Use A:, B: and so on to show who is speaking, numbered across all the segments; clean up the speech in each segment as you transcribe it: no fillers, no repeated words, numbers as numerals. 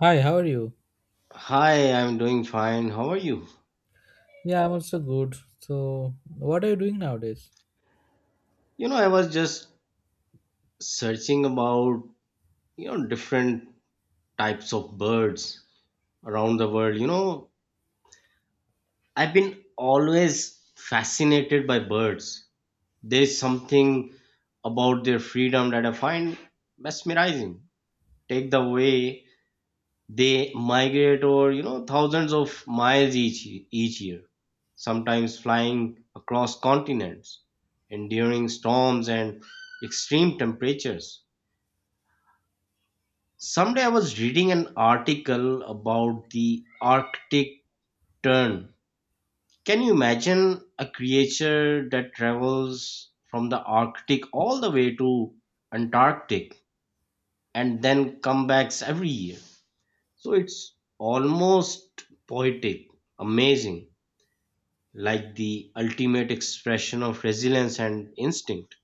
A: Hi, how are you?
B: Hi, I'm doing fine. How are you?
A: Yeah, I'm also good. So, what are you doing nowadays?
B: I was just searching about, different types of birds around the world. I've been always fascinated by birds. There's something about their freedom that I find mesmerizing. Take the way they migrate over, thousands of miles each year, sometimes flying across continents, enduring storms and extreme temperatures. Someday I was reading an article about the Arctic tern. Can you imagine a creature that travels from the Arctic all the way to Antarctic and then comebacks every year? So it's almost poetic, amazing, like the ultimate expression of resilience and instinct.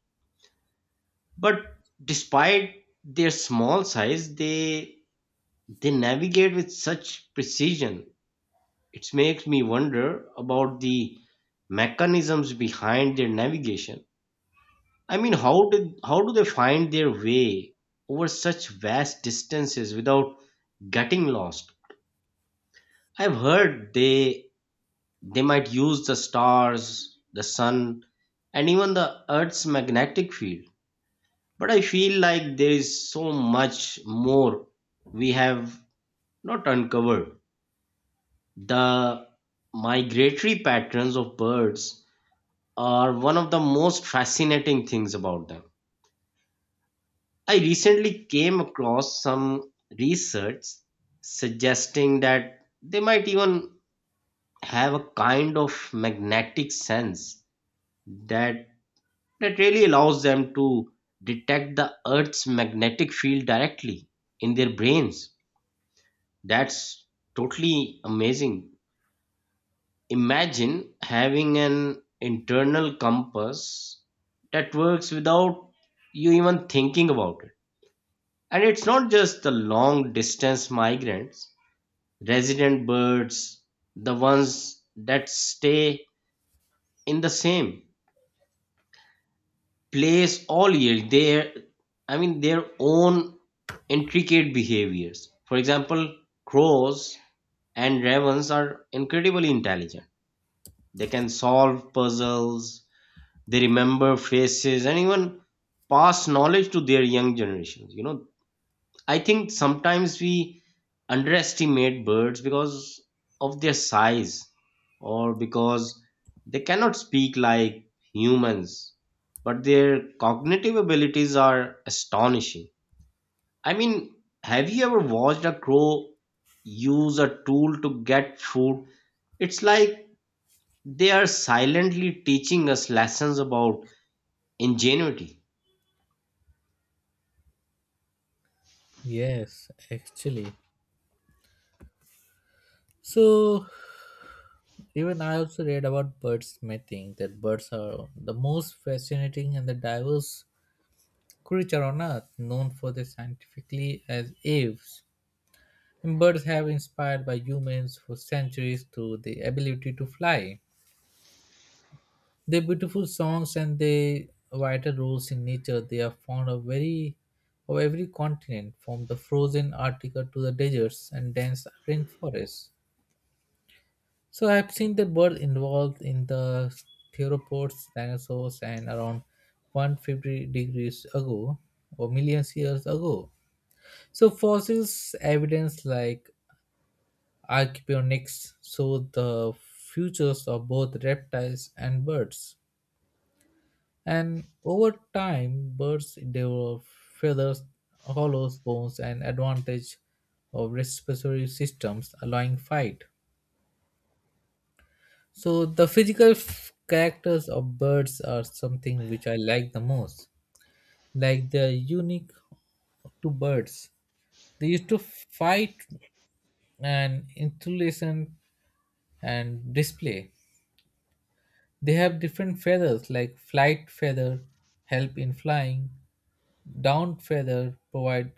B: But despite their small size, they navigate with such precision. It makes me wonder about the mechanisms behind their navigation. I mean, how do they find their way over such vast distances without getting lost? I've heard they might use the stars, the sun, and even the Earth's magnetic field. But I feel like there is so much more we have not uncovered. The migratory patterns of birds are one of the most fascinating things about them. I recently came across some research suggesting that they might even have a kind of magnetic sense that that really allows them to detect the earth's magnetic field directly in their brains. That's totally amazing. Imagine having an internal compass that works without you even thinking about it. And it's not just the long distance migrants, resident birds, the ones that stay in the same place all year. I mean, their own intricate behaviors. For example, crows and ravens are incredibly intelligent. They can solve puzzles, they remember faces, and even pass knowledge to their young generations. I think sometimes we underestimate birds because of their size or because they cannot speak like humans, but their cognitive abilities are astonishing. I mean, have you ever watched a crow use a tool to get food? It's like they are silently teaching us lessons about ingenuity.
A: Yes, actually. So, even I also read about birdsmithing that birds are the most fascinating and the diverse creature on earth, known for their scientifically as aves. And birds have inspired by humans for centuries through the ability to fly. Their beautiful songs and their vital roles in nature, they are found of very of every continent, from the frozen Antarctica to the deserts and dense rainforests. So I have seen the bird involved in the theropods, dinosaurs, and around 150 degrees ago or millions years ago. So fossils evidence like archaeopteryx show the futures of both reptiles and birds. And over time, birds develop feathers, hollows, bones, and advantage of respiratory systems, allowing fight. So the physical characters of birds are something which I like the most. Like they're unique to birds. They used to fight and insulation and display. They have different feathers like flight feather help in flying, down feather provide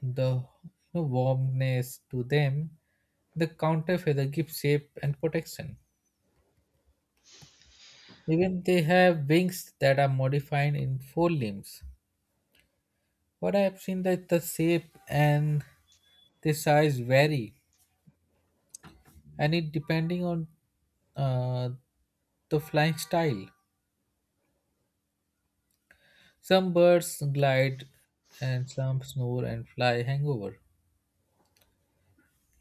A: the warmness to them, the counter feather gives shape and protection. Even they have wings that are modified in four limbs. What I have seen that the shape and the size vary, and it depending on uh, the flying style. Some birds glide, and some snore and fly hangover.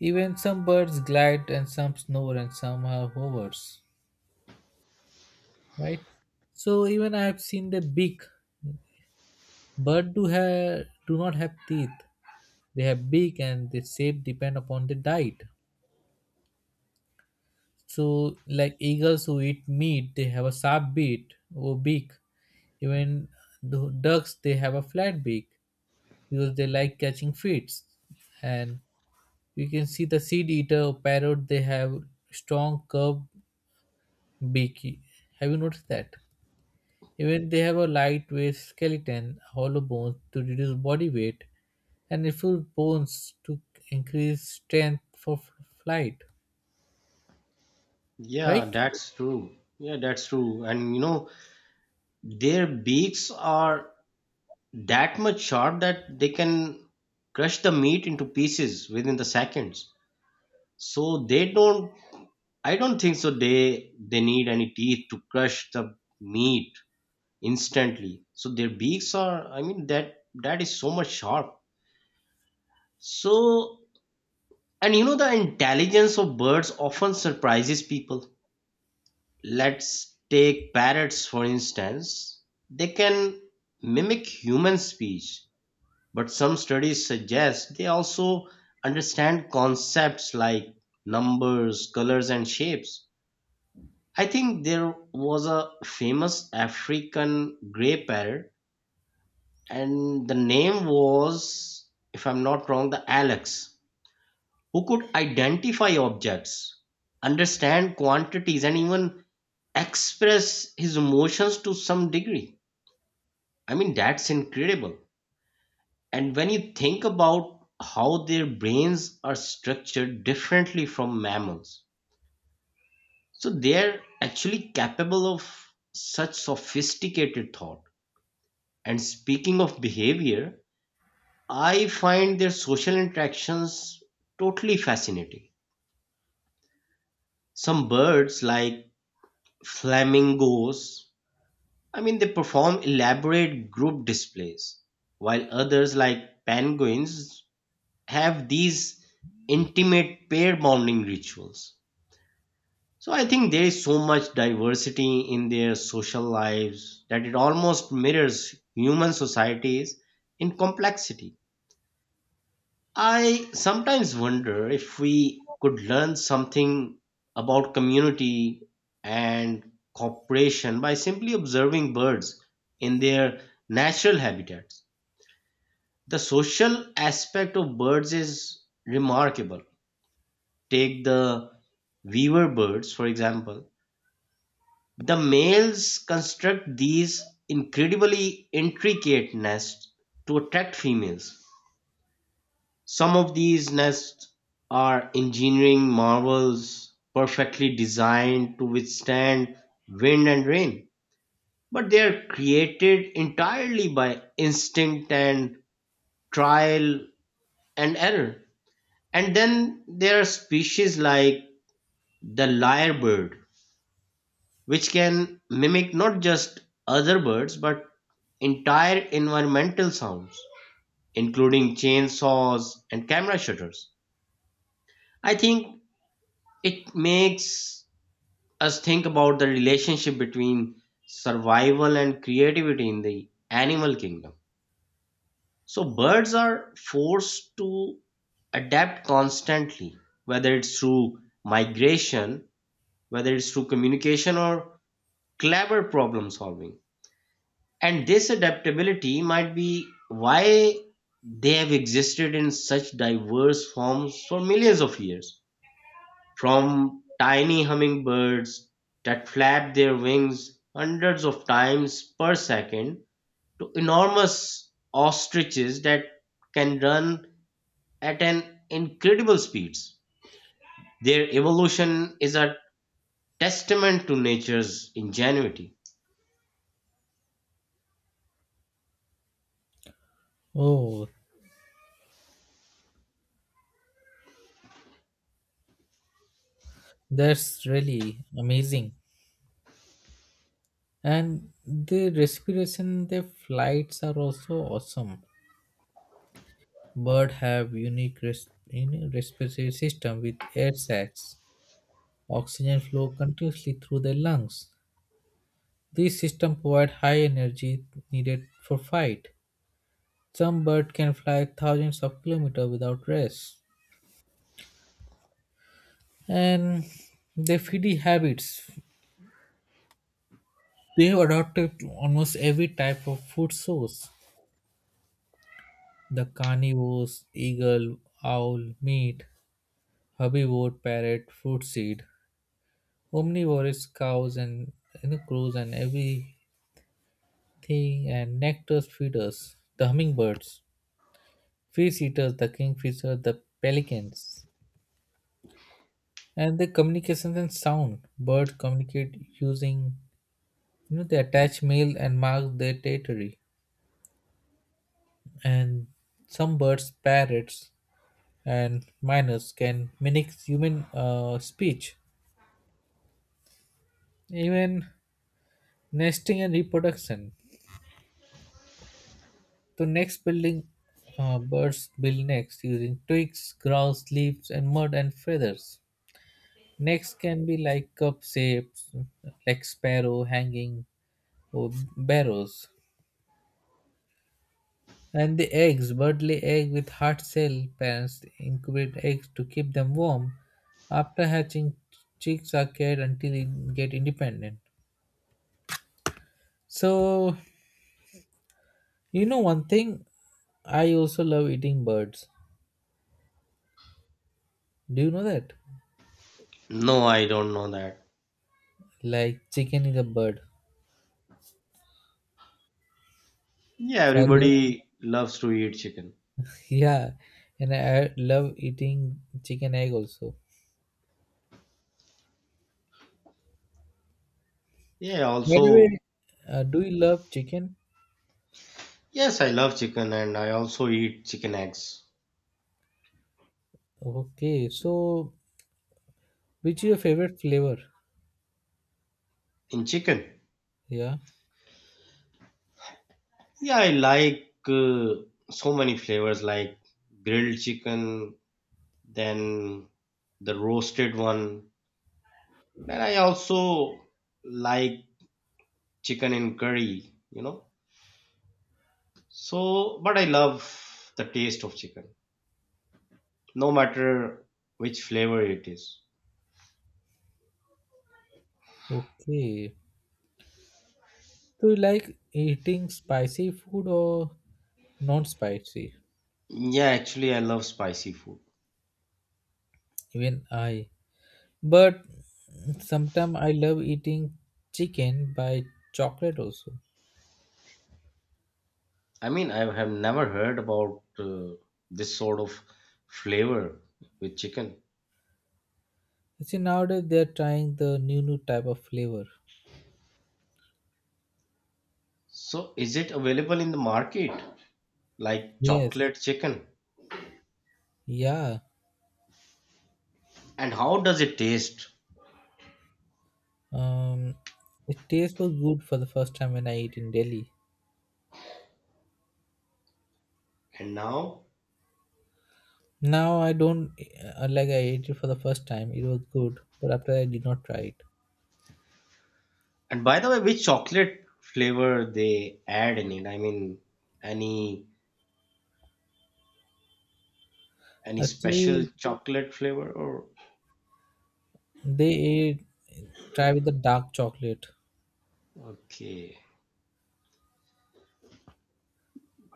A: Even some birds glide, and some snore, and some are hovers. Right. So even I have seen the beak. Birds do, have, do not have teeth. They have beak and their shape depend upon the diet. So, like eagles who eat meat, they have a sharp beak or beak. Even the ducks, they have a flat beak because they like catching fish. And you can see the seed eater or parrot, they have strong curved beak. Have you noticed that? Even they have a lightweight skeleton, hollow bones to reduce body weight, and refuse bones to increase strength for flight,
B: Yeah,
A: right?
B: that's true. Yeah, that's true. And their beaks are that much sharp that they can crush the meat into pieces within the seconds. So they don't, I don't think so they need any teeth to crush the meat instantly. So their beaks are, I mean that is so much sharp. So and the intelligence of birds often surprises people. Let's take parrots for instance. They can mimic human speech, but some studies suggest they also understand concepts like numbers, colors, and shapes. I think there was a famous African grey parrot, and the name was, if I'm not wrong, the Alex, who could identify objects, understand quantities, and even express his emotions to some degree. I mean, that's incredible. And when you think about how their brains are structured differently from mammals, so they're actually capable of such sophisticated thought. And speaking of behavior, I find their social interactions totally fascinating. Some birds, like flamingos, I mean, they perform elaborate group displays, while others, like penguins, have these intimate pair bonding rituals. So I think there is so much diversity in their social lives that it almost mirrors human societies in complexity. I sometimes wonder if we could learn something about community and cooperation by simply observing birds in their natural habitats. The social aspect of birds is remarkable. Take the weaver birds, for example. The males construct these incredibly intricate nests to attract females. Some of these nests are engineering marvels, perfectly designed to withstand wind and rain, but they are created entirely by instinct and trial and error. And then there are species like the lyrebird, which can mimic not just other birds but entire environmental sounds, including chainsaws and camera shutters. I think it makes us think about the relationship between survival and creativity in the animal kingdom. So, birds are forced to adapt constantly, whether it's through migration, whether it's through communication, or clever problem solving. And this adaptability might be why they have existed in such diverse forms for millions of years. From tiny hummingbirds that flap their wings hundreds of times per second to enormous ostriches that can run at an incredible speeds. Their evolution is a testament to nature's ingenuity.
A: Oh, that's really amazing. And the respiration, the flights are also awesome. Bird have unique respiratory system with air sacs. Oxygen flow continuously through their lungs. This system provide high energy needed for flight. Some bird can fly thousands of kilometers without rest. And their feeding habits. They have adopted almost every type of food source. The carnivores, eagle, owl, meat, herbivore, parrot, fruit seed, omnivorous cows and, you know, crows and everything and nectar feeders, the hummingbirds, fish eaters, the kingfisher, the pelicans. And the communications and sound. Birds communicate using, you know, they attach male and mark their territory, and some birds, parrots, and miners can mimic human speech, even nesting and reproduction. The next building, birds build nests using twigs, grass, leaves, and mud and feathers. Next can be like cup shapes, like sparrow hanging or barrows. And the eggs, bird lay egg with hard shell. Parents incubate eggs to keep them warm. After hatching, chicks are cared until they get independent. So, you know one thing, I also love eating birds. Do you know that?
B: No, I don't know that.
A: Like chicken is a bird.
B: Yeah,
A: So I love,
B: everybody loves to eat chicken.
A: yeah, and I love eating chicken egg also.
B: Yeah,
A: By the way,
B: also,
A: do you love chicken?
B: yes, I love chicken and I also eat chicken eggs
A: Okay, so which is your favorite flavor?
B: in chicken.
A: Yeah,
B: Yeah, I like so many flavors like grilled chicken, then the roasted one. Then I also like chicken in curry, you know. So, but I love the taste of chicken, no matter which flavor it is.
A: okay. Do you like eating spicy food or not spicy?
B: Yeah, actually, I love spicy food.
A: Even I. But sometimes I love eating chicken by chocolate also.
B: I mean, I have never heard about this sort of flavor with chicken.
A: See, nowadays they are trying the new type of flavor.
B: So, is it available in the market? Like
A: Yes.
B: chocolate chicken.
A: Yeah.
B: And how does it taste?
A: Um, it tastes was good for the first time when I ate in Delhi.
B: And now,
A: Now I don't, like I ate it for the first time. It was good, but after I did not try it.
B: and by the way, which chocolate flavor they add in it? I mean, any any special
A: Actually,
B: chocolate flavor or
A: they ate, try with the dark chocolate.
B: okay.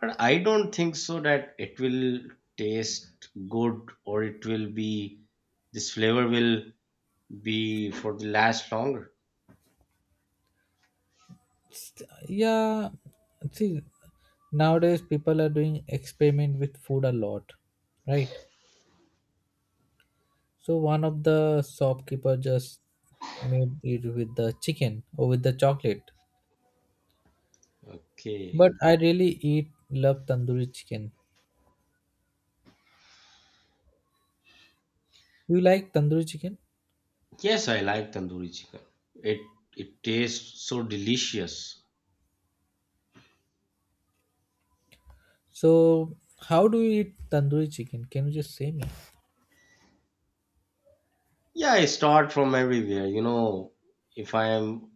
B: But I don't think so that it will taste good or it will be this flavor will be for the last longer.
A: Yeah, see, nowadays people are doing experiment with food a lot, right? So one of the shopkeeper just made it with the chicken or with the chocolate,
B: Okay.
A: but I really eat love tandoori chicken. You like tandoori chicken?
B: Yes, I like tandoori chicken. It tastes so delicious.
A: So how do you eat tandoori chicken? Can you just say me?
B: Yeah, I start from everywhere. You know, if I am,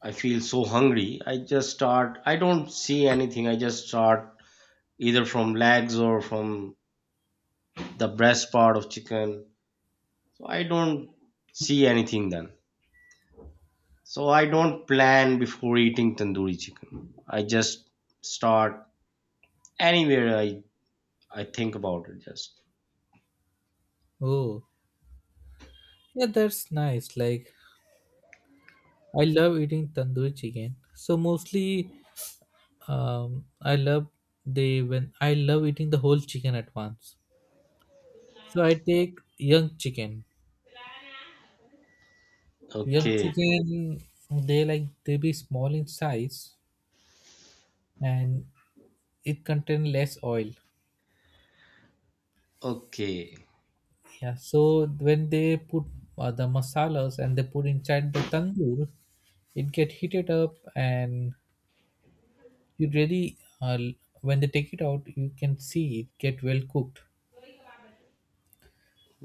B: I feel so hungry, I just start, I don't see anything. I just start either from legs or from the breast part of chicken. So I don't see anything then. So I don't plan before eating tandoori chicken. I just start anywhere I think about it just.
A: Oh yeah, that's nice. Like, I love eating tandoori chicken. So mostly, I love they when I love eating the whole chicken at once. So I take young chicken. Young
B: Okay,
A: chicken, they like they be small in size and it contain less oil.
B: okay,
A: Yeah. So when they put, the masalas and they put inside the tandoor, it get heated up and you really, when they take it out, you can see it get well cooked.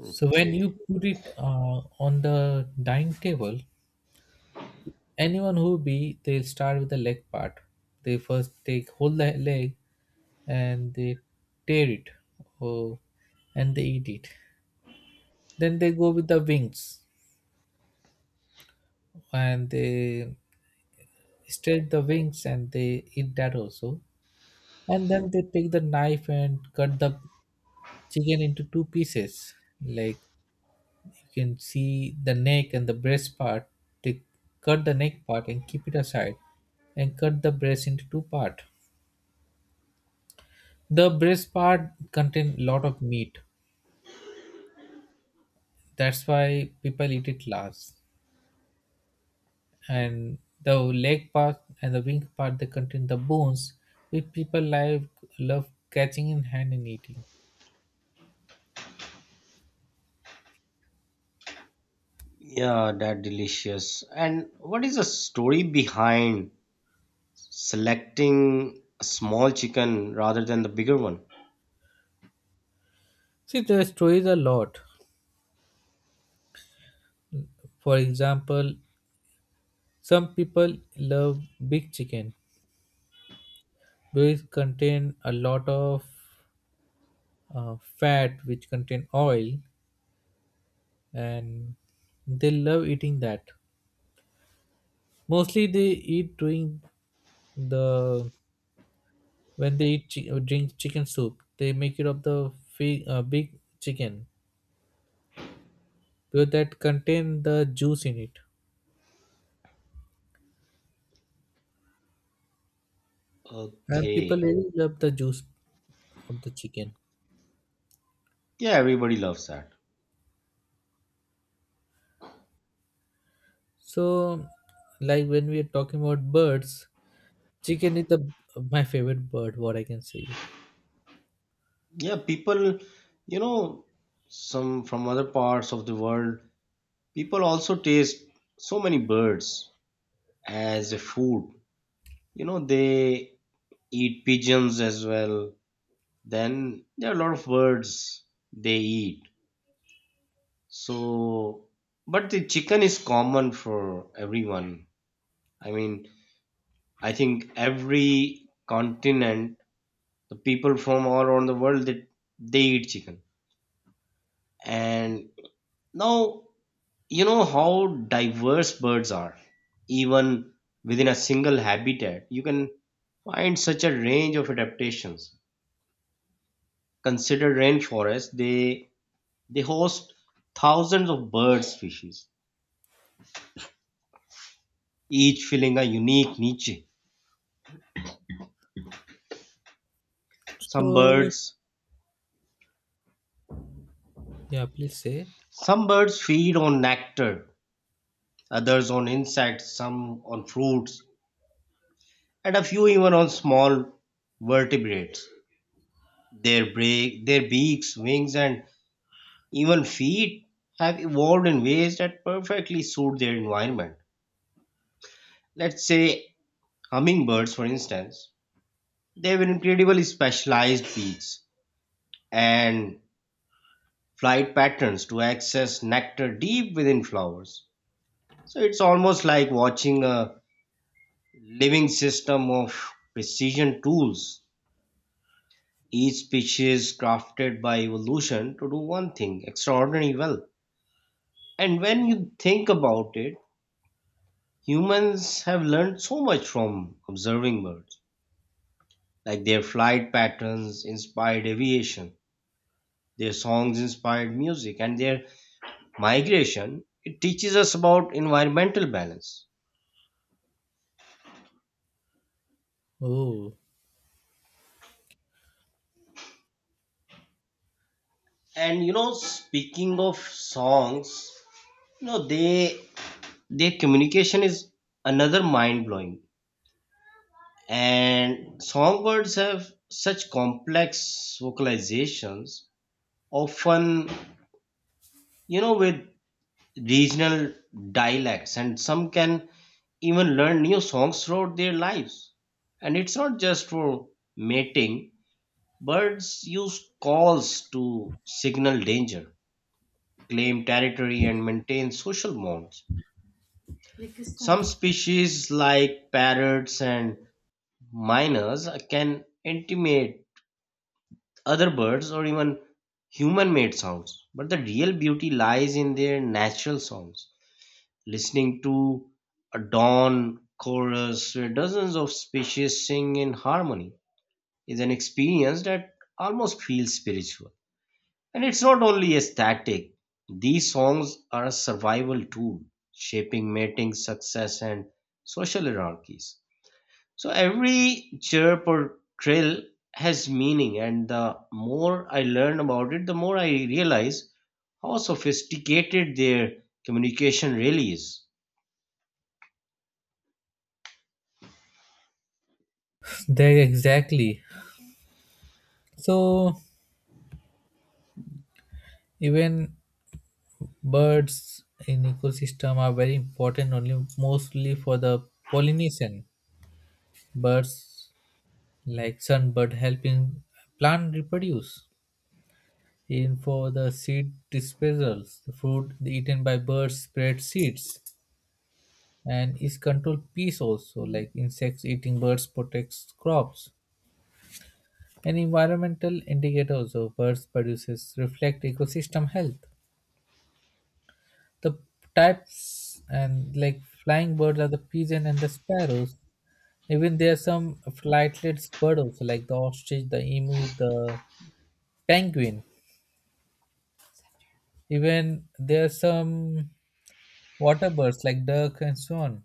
A: So when you put it, on the dining table, anyone who be they'll start with the leg part. They first take hold the leg and they tear it. Oh, and they eat it. Then they go with the wings and they stretch the wings and they eat that also. And then they take the knife and cut the chicken into two pieces. Like, you can see the neck and the breast part. They cut the neck part and keep it aside and cut the breast into two part. The breast part contain lot of meat. That's why people eat it last. And the leg part and the wing part they contain the bones, which people like love catching in hand and eating.
B: Yeah, that delicious. And what is the story behind? Selecting a small chicken rather than the bigger one.
A: See the stories a lot. For example, some people love big chicken because it contain a lot of fat which contain oil, and they love eating that. Mostly they eat during the when they eat drink chicken soup. They make it of the big chicken because that contain the juice in it, and people
B: Okay.
A: really love the juice of the chicken.
B: Yeah, everybody loves that.
A: So like when we are talking about birds, chicken is the, my favorite bird, what I can say.
B: Yeah, people, you know, some from other parts of the world, people also taste so many birds as a food. You know, they eat pigeons as well. Then there are a lot of birds they eat. So, but the chicken is common for everyone. I mean, I think every continent the people from all around the world they eat chicken and now you know how diverse birds are even within a single habitat you can find such a range of adaptations. Consider rainforests, they host thousands of bird species each filling a unique niche. some
A: So
B: birds
A: yeah, please say.
B: some birds feed on nectar, others on insects, some on fruits, and a few even on small vertebrates. Their beaks, wings, and even feet have evolved in ways that perfectly suit their environment. Let's say hummingbirds, for instance, they have incredibly specialized beaks and flight patterns to access nectar deep within flowers. So it's almost like watching a living system of precision tools, each species crafted by evolution to do one thing extraordinarily well. And when you think about it, humans have learned so much from observing birds, like their flight patterns inspired aviation, their songs inspired music, and their migration. It teaches us about environmental balance.
A: Oh
B: And you know, speaking of songs, they their communication is another mind blowing. And songbirds have such complex vocalizations, often with regional dialects and some can even learn new songs throughout their lives, and it's not just for mating. Birds use calls to signal danger, claim territory, and maintain social bonds.
A: Like
B: Some species like parrots and miners can intimate other birds or even human made sounds, but the real beauty lies in their natural songs. Listening to a dawn chorus where dozens of species sing in harmony is an experience that almost feels spiritual. And it's not only aesthetic, these songs are a survival tool, shaping mating success and social hierarchies. So every chirp or trill has meaning, and the more I learn about it, the more I realize how sophisticated their communication really is.
A: there exactly. So even birds in ecosystem are very important only mostly for the pollination. Birds like sunbird help in plant reproduce. Even for the seed dispersals, the fruit eaten by birds spread seeds, and is control pests also like insects eating birds protects crops. An environmental indicator also birds produces reflect ecosystem health. The types and like flying birds are the pigeon and the sparrows. Even there are some flightless bird also, like the ostrich, the emu, the penguin. Even there are some water birds like duck and so on.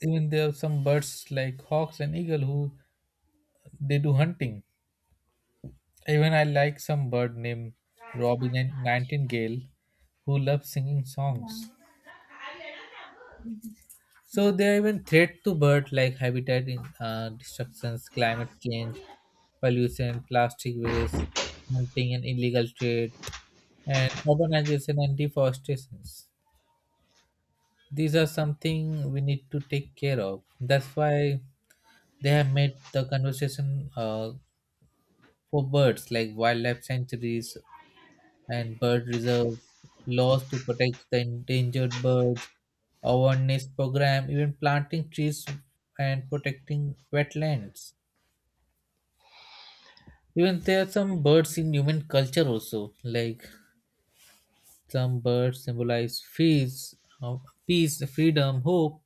A: Even there are some birds like hawks and eagle who they do hunting. Even I like some bird named Robin and Nightingale who loves singing songs. So there are even threats to birds like habitat destructions, climate change, pollution, plastic waste, hunting and illegal trade, and urbanization and deforestation. These are something we need to take care of. That's why they have made the conversation, for birds like wildlife sanctuaries and bird reserve, laws to protect the endangered birds, awareness program, even planting trees and protecting wetlands. Even there are some birds in human culture also, like some birds symbolize peace, uh, freedom, hope.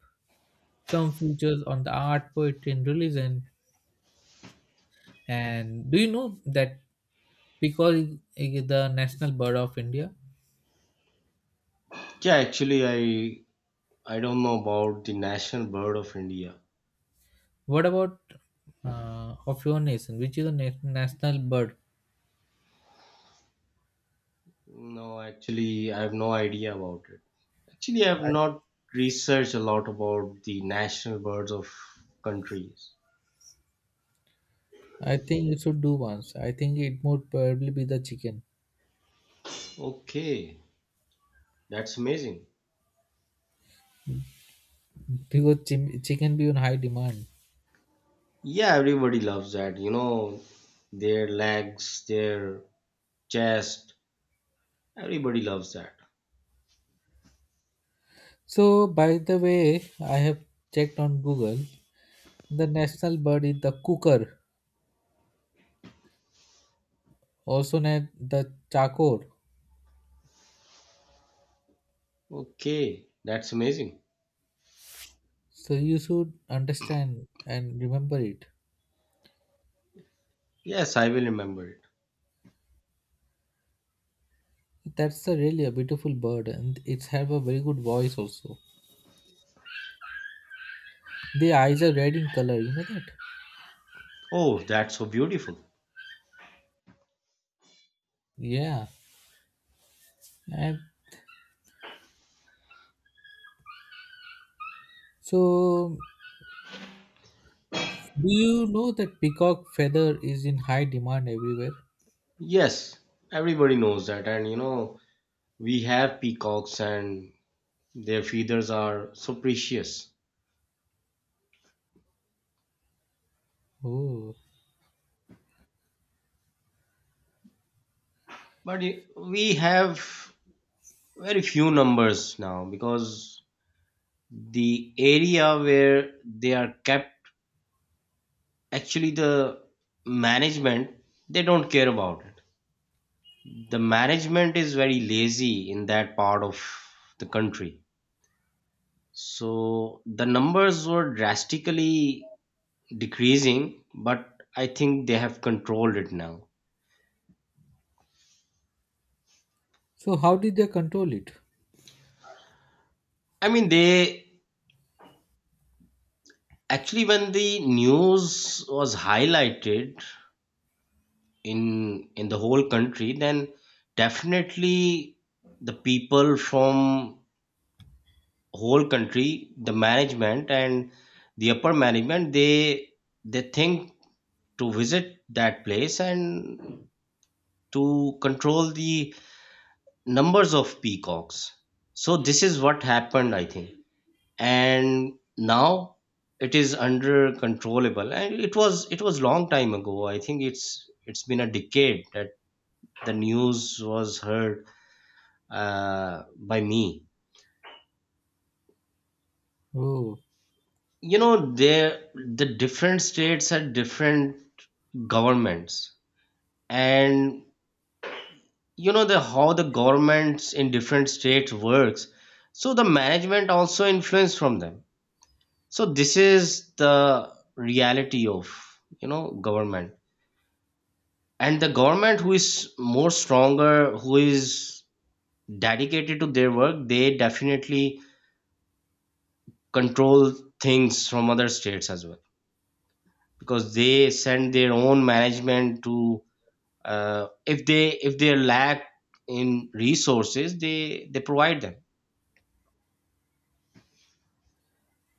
A: Some features on the art, poetry, and religion. And do you know that because it is the national bird of India?
B: Yeah, actually, I don't know about the national bird of India.
A: What about, of your nation? Which is the national bird?
B: No, actually, I have no idea about it. Actually, I have not researched a lot about the national birds of countries.
A: I think you should do once. I think it would probably be the chicken
B: Okay, that's amazing.
A: because chicken be on high demand.
B: Yeah, everybody loves that. You know, their legs, their chest, everybody loves that.
A: So by the way, I have checked on Google. The national bird is the cooker, also named the chakor.
B: Okay, that's amazing.
A: So you should understand and remember it.
B: Yes, I will remember it.
A: That's a really a beautiful bird, and it's have a very good voice also. The eyes are red in color. You know that?
B: Oh, that's so beautiful.
A: Yeah. And so, do you know that peacock feather is in high demand everywhere?
B: Yes, everybody knows that, and you know. We have peacocks and their feathers are so precious.
A: Oh,
B: But we have very few numbers now because the area where they are kept, actually the management, they don't care about it. The management is very lazy in that part of the country. So the numbers were drastically decreasing, but I think they have controlled it now.
A: so how did they control it?
B: I mean, they actually, when the news was highlighted in the whole country, then definitely the people from whole country, the management and the upper management, they think to visit that place and to control the numbers of peacocks. So this is what happened, I think. And now it is under controllable and it was long time ago, I think it's been a decade that the news was heard by me.
A: Oh,
B: You know there the different states had different governments, and you know the how the governments in different states works, so the management also influence from them. So this is the reality of, you know, government. And the government who is more stronger, who is dedicated to their work, they definitely control things from other states as well, because they send their own management to, if they lack in resources, they provide them.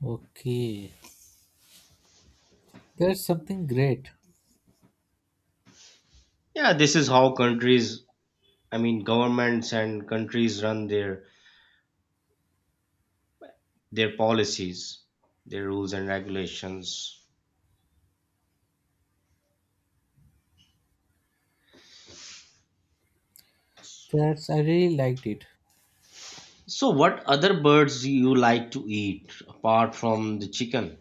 A: okay. That's something great.
B: Yeah, this is how countries, I mean governments and countries run their policies, their rules and regulations.
A: That's I really liked it.
B: So, what other birds do you like to eat apart from the chicken?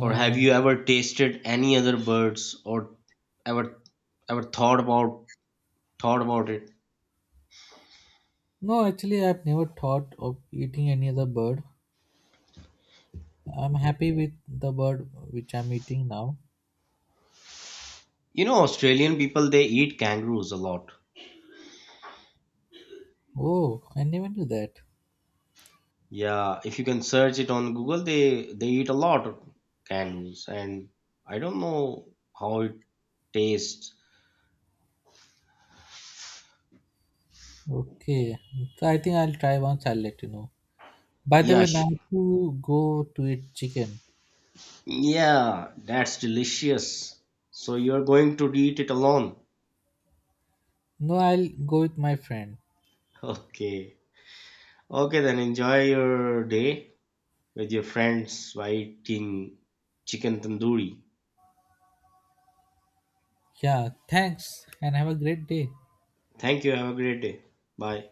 B: Or have you ever tasted any other birds or ever ever thought about it?
A: no, actually, I've never thought of eating any other bird. I'm happy with the bird which I'm eating now.
B: You know, Australian people they eat kangaroos a lot.
A: Oh, I never knew that.
B: Yeah, if you can search it on Google, they eat a lot of kangaroos, and I don't know how it tastes.
A: Okay, so I think I'll try once. I'll let you know. By the
B: Yeah,
A: way, now to go to eat chicken.
B: yeah, that's delicious. So you're going to eat it alone?
A: No, I'll go with my friend.
B: Okay. Okay, then enjoy your day with your friends while eating chicken tandoori.
A: Yeah, thanks, and have a great day.
B: Thank you. Have a great day. Bye.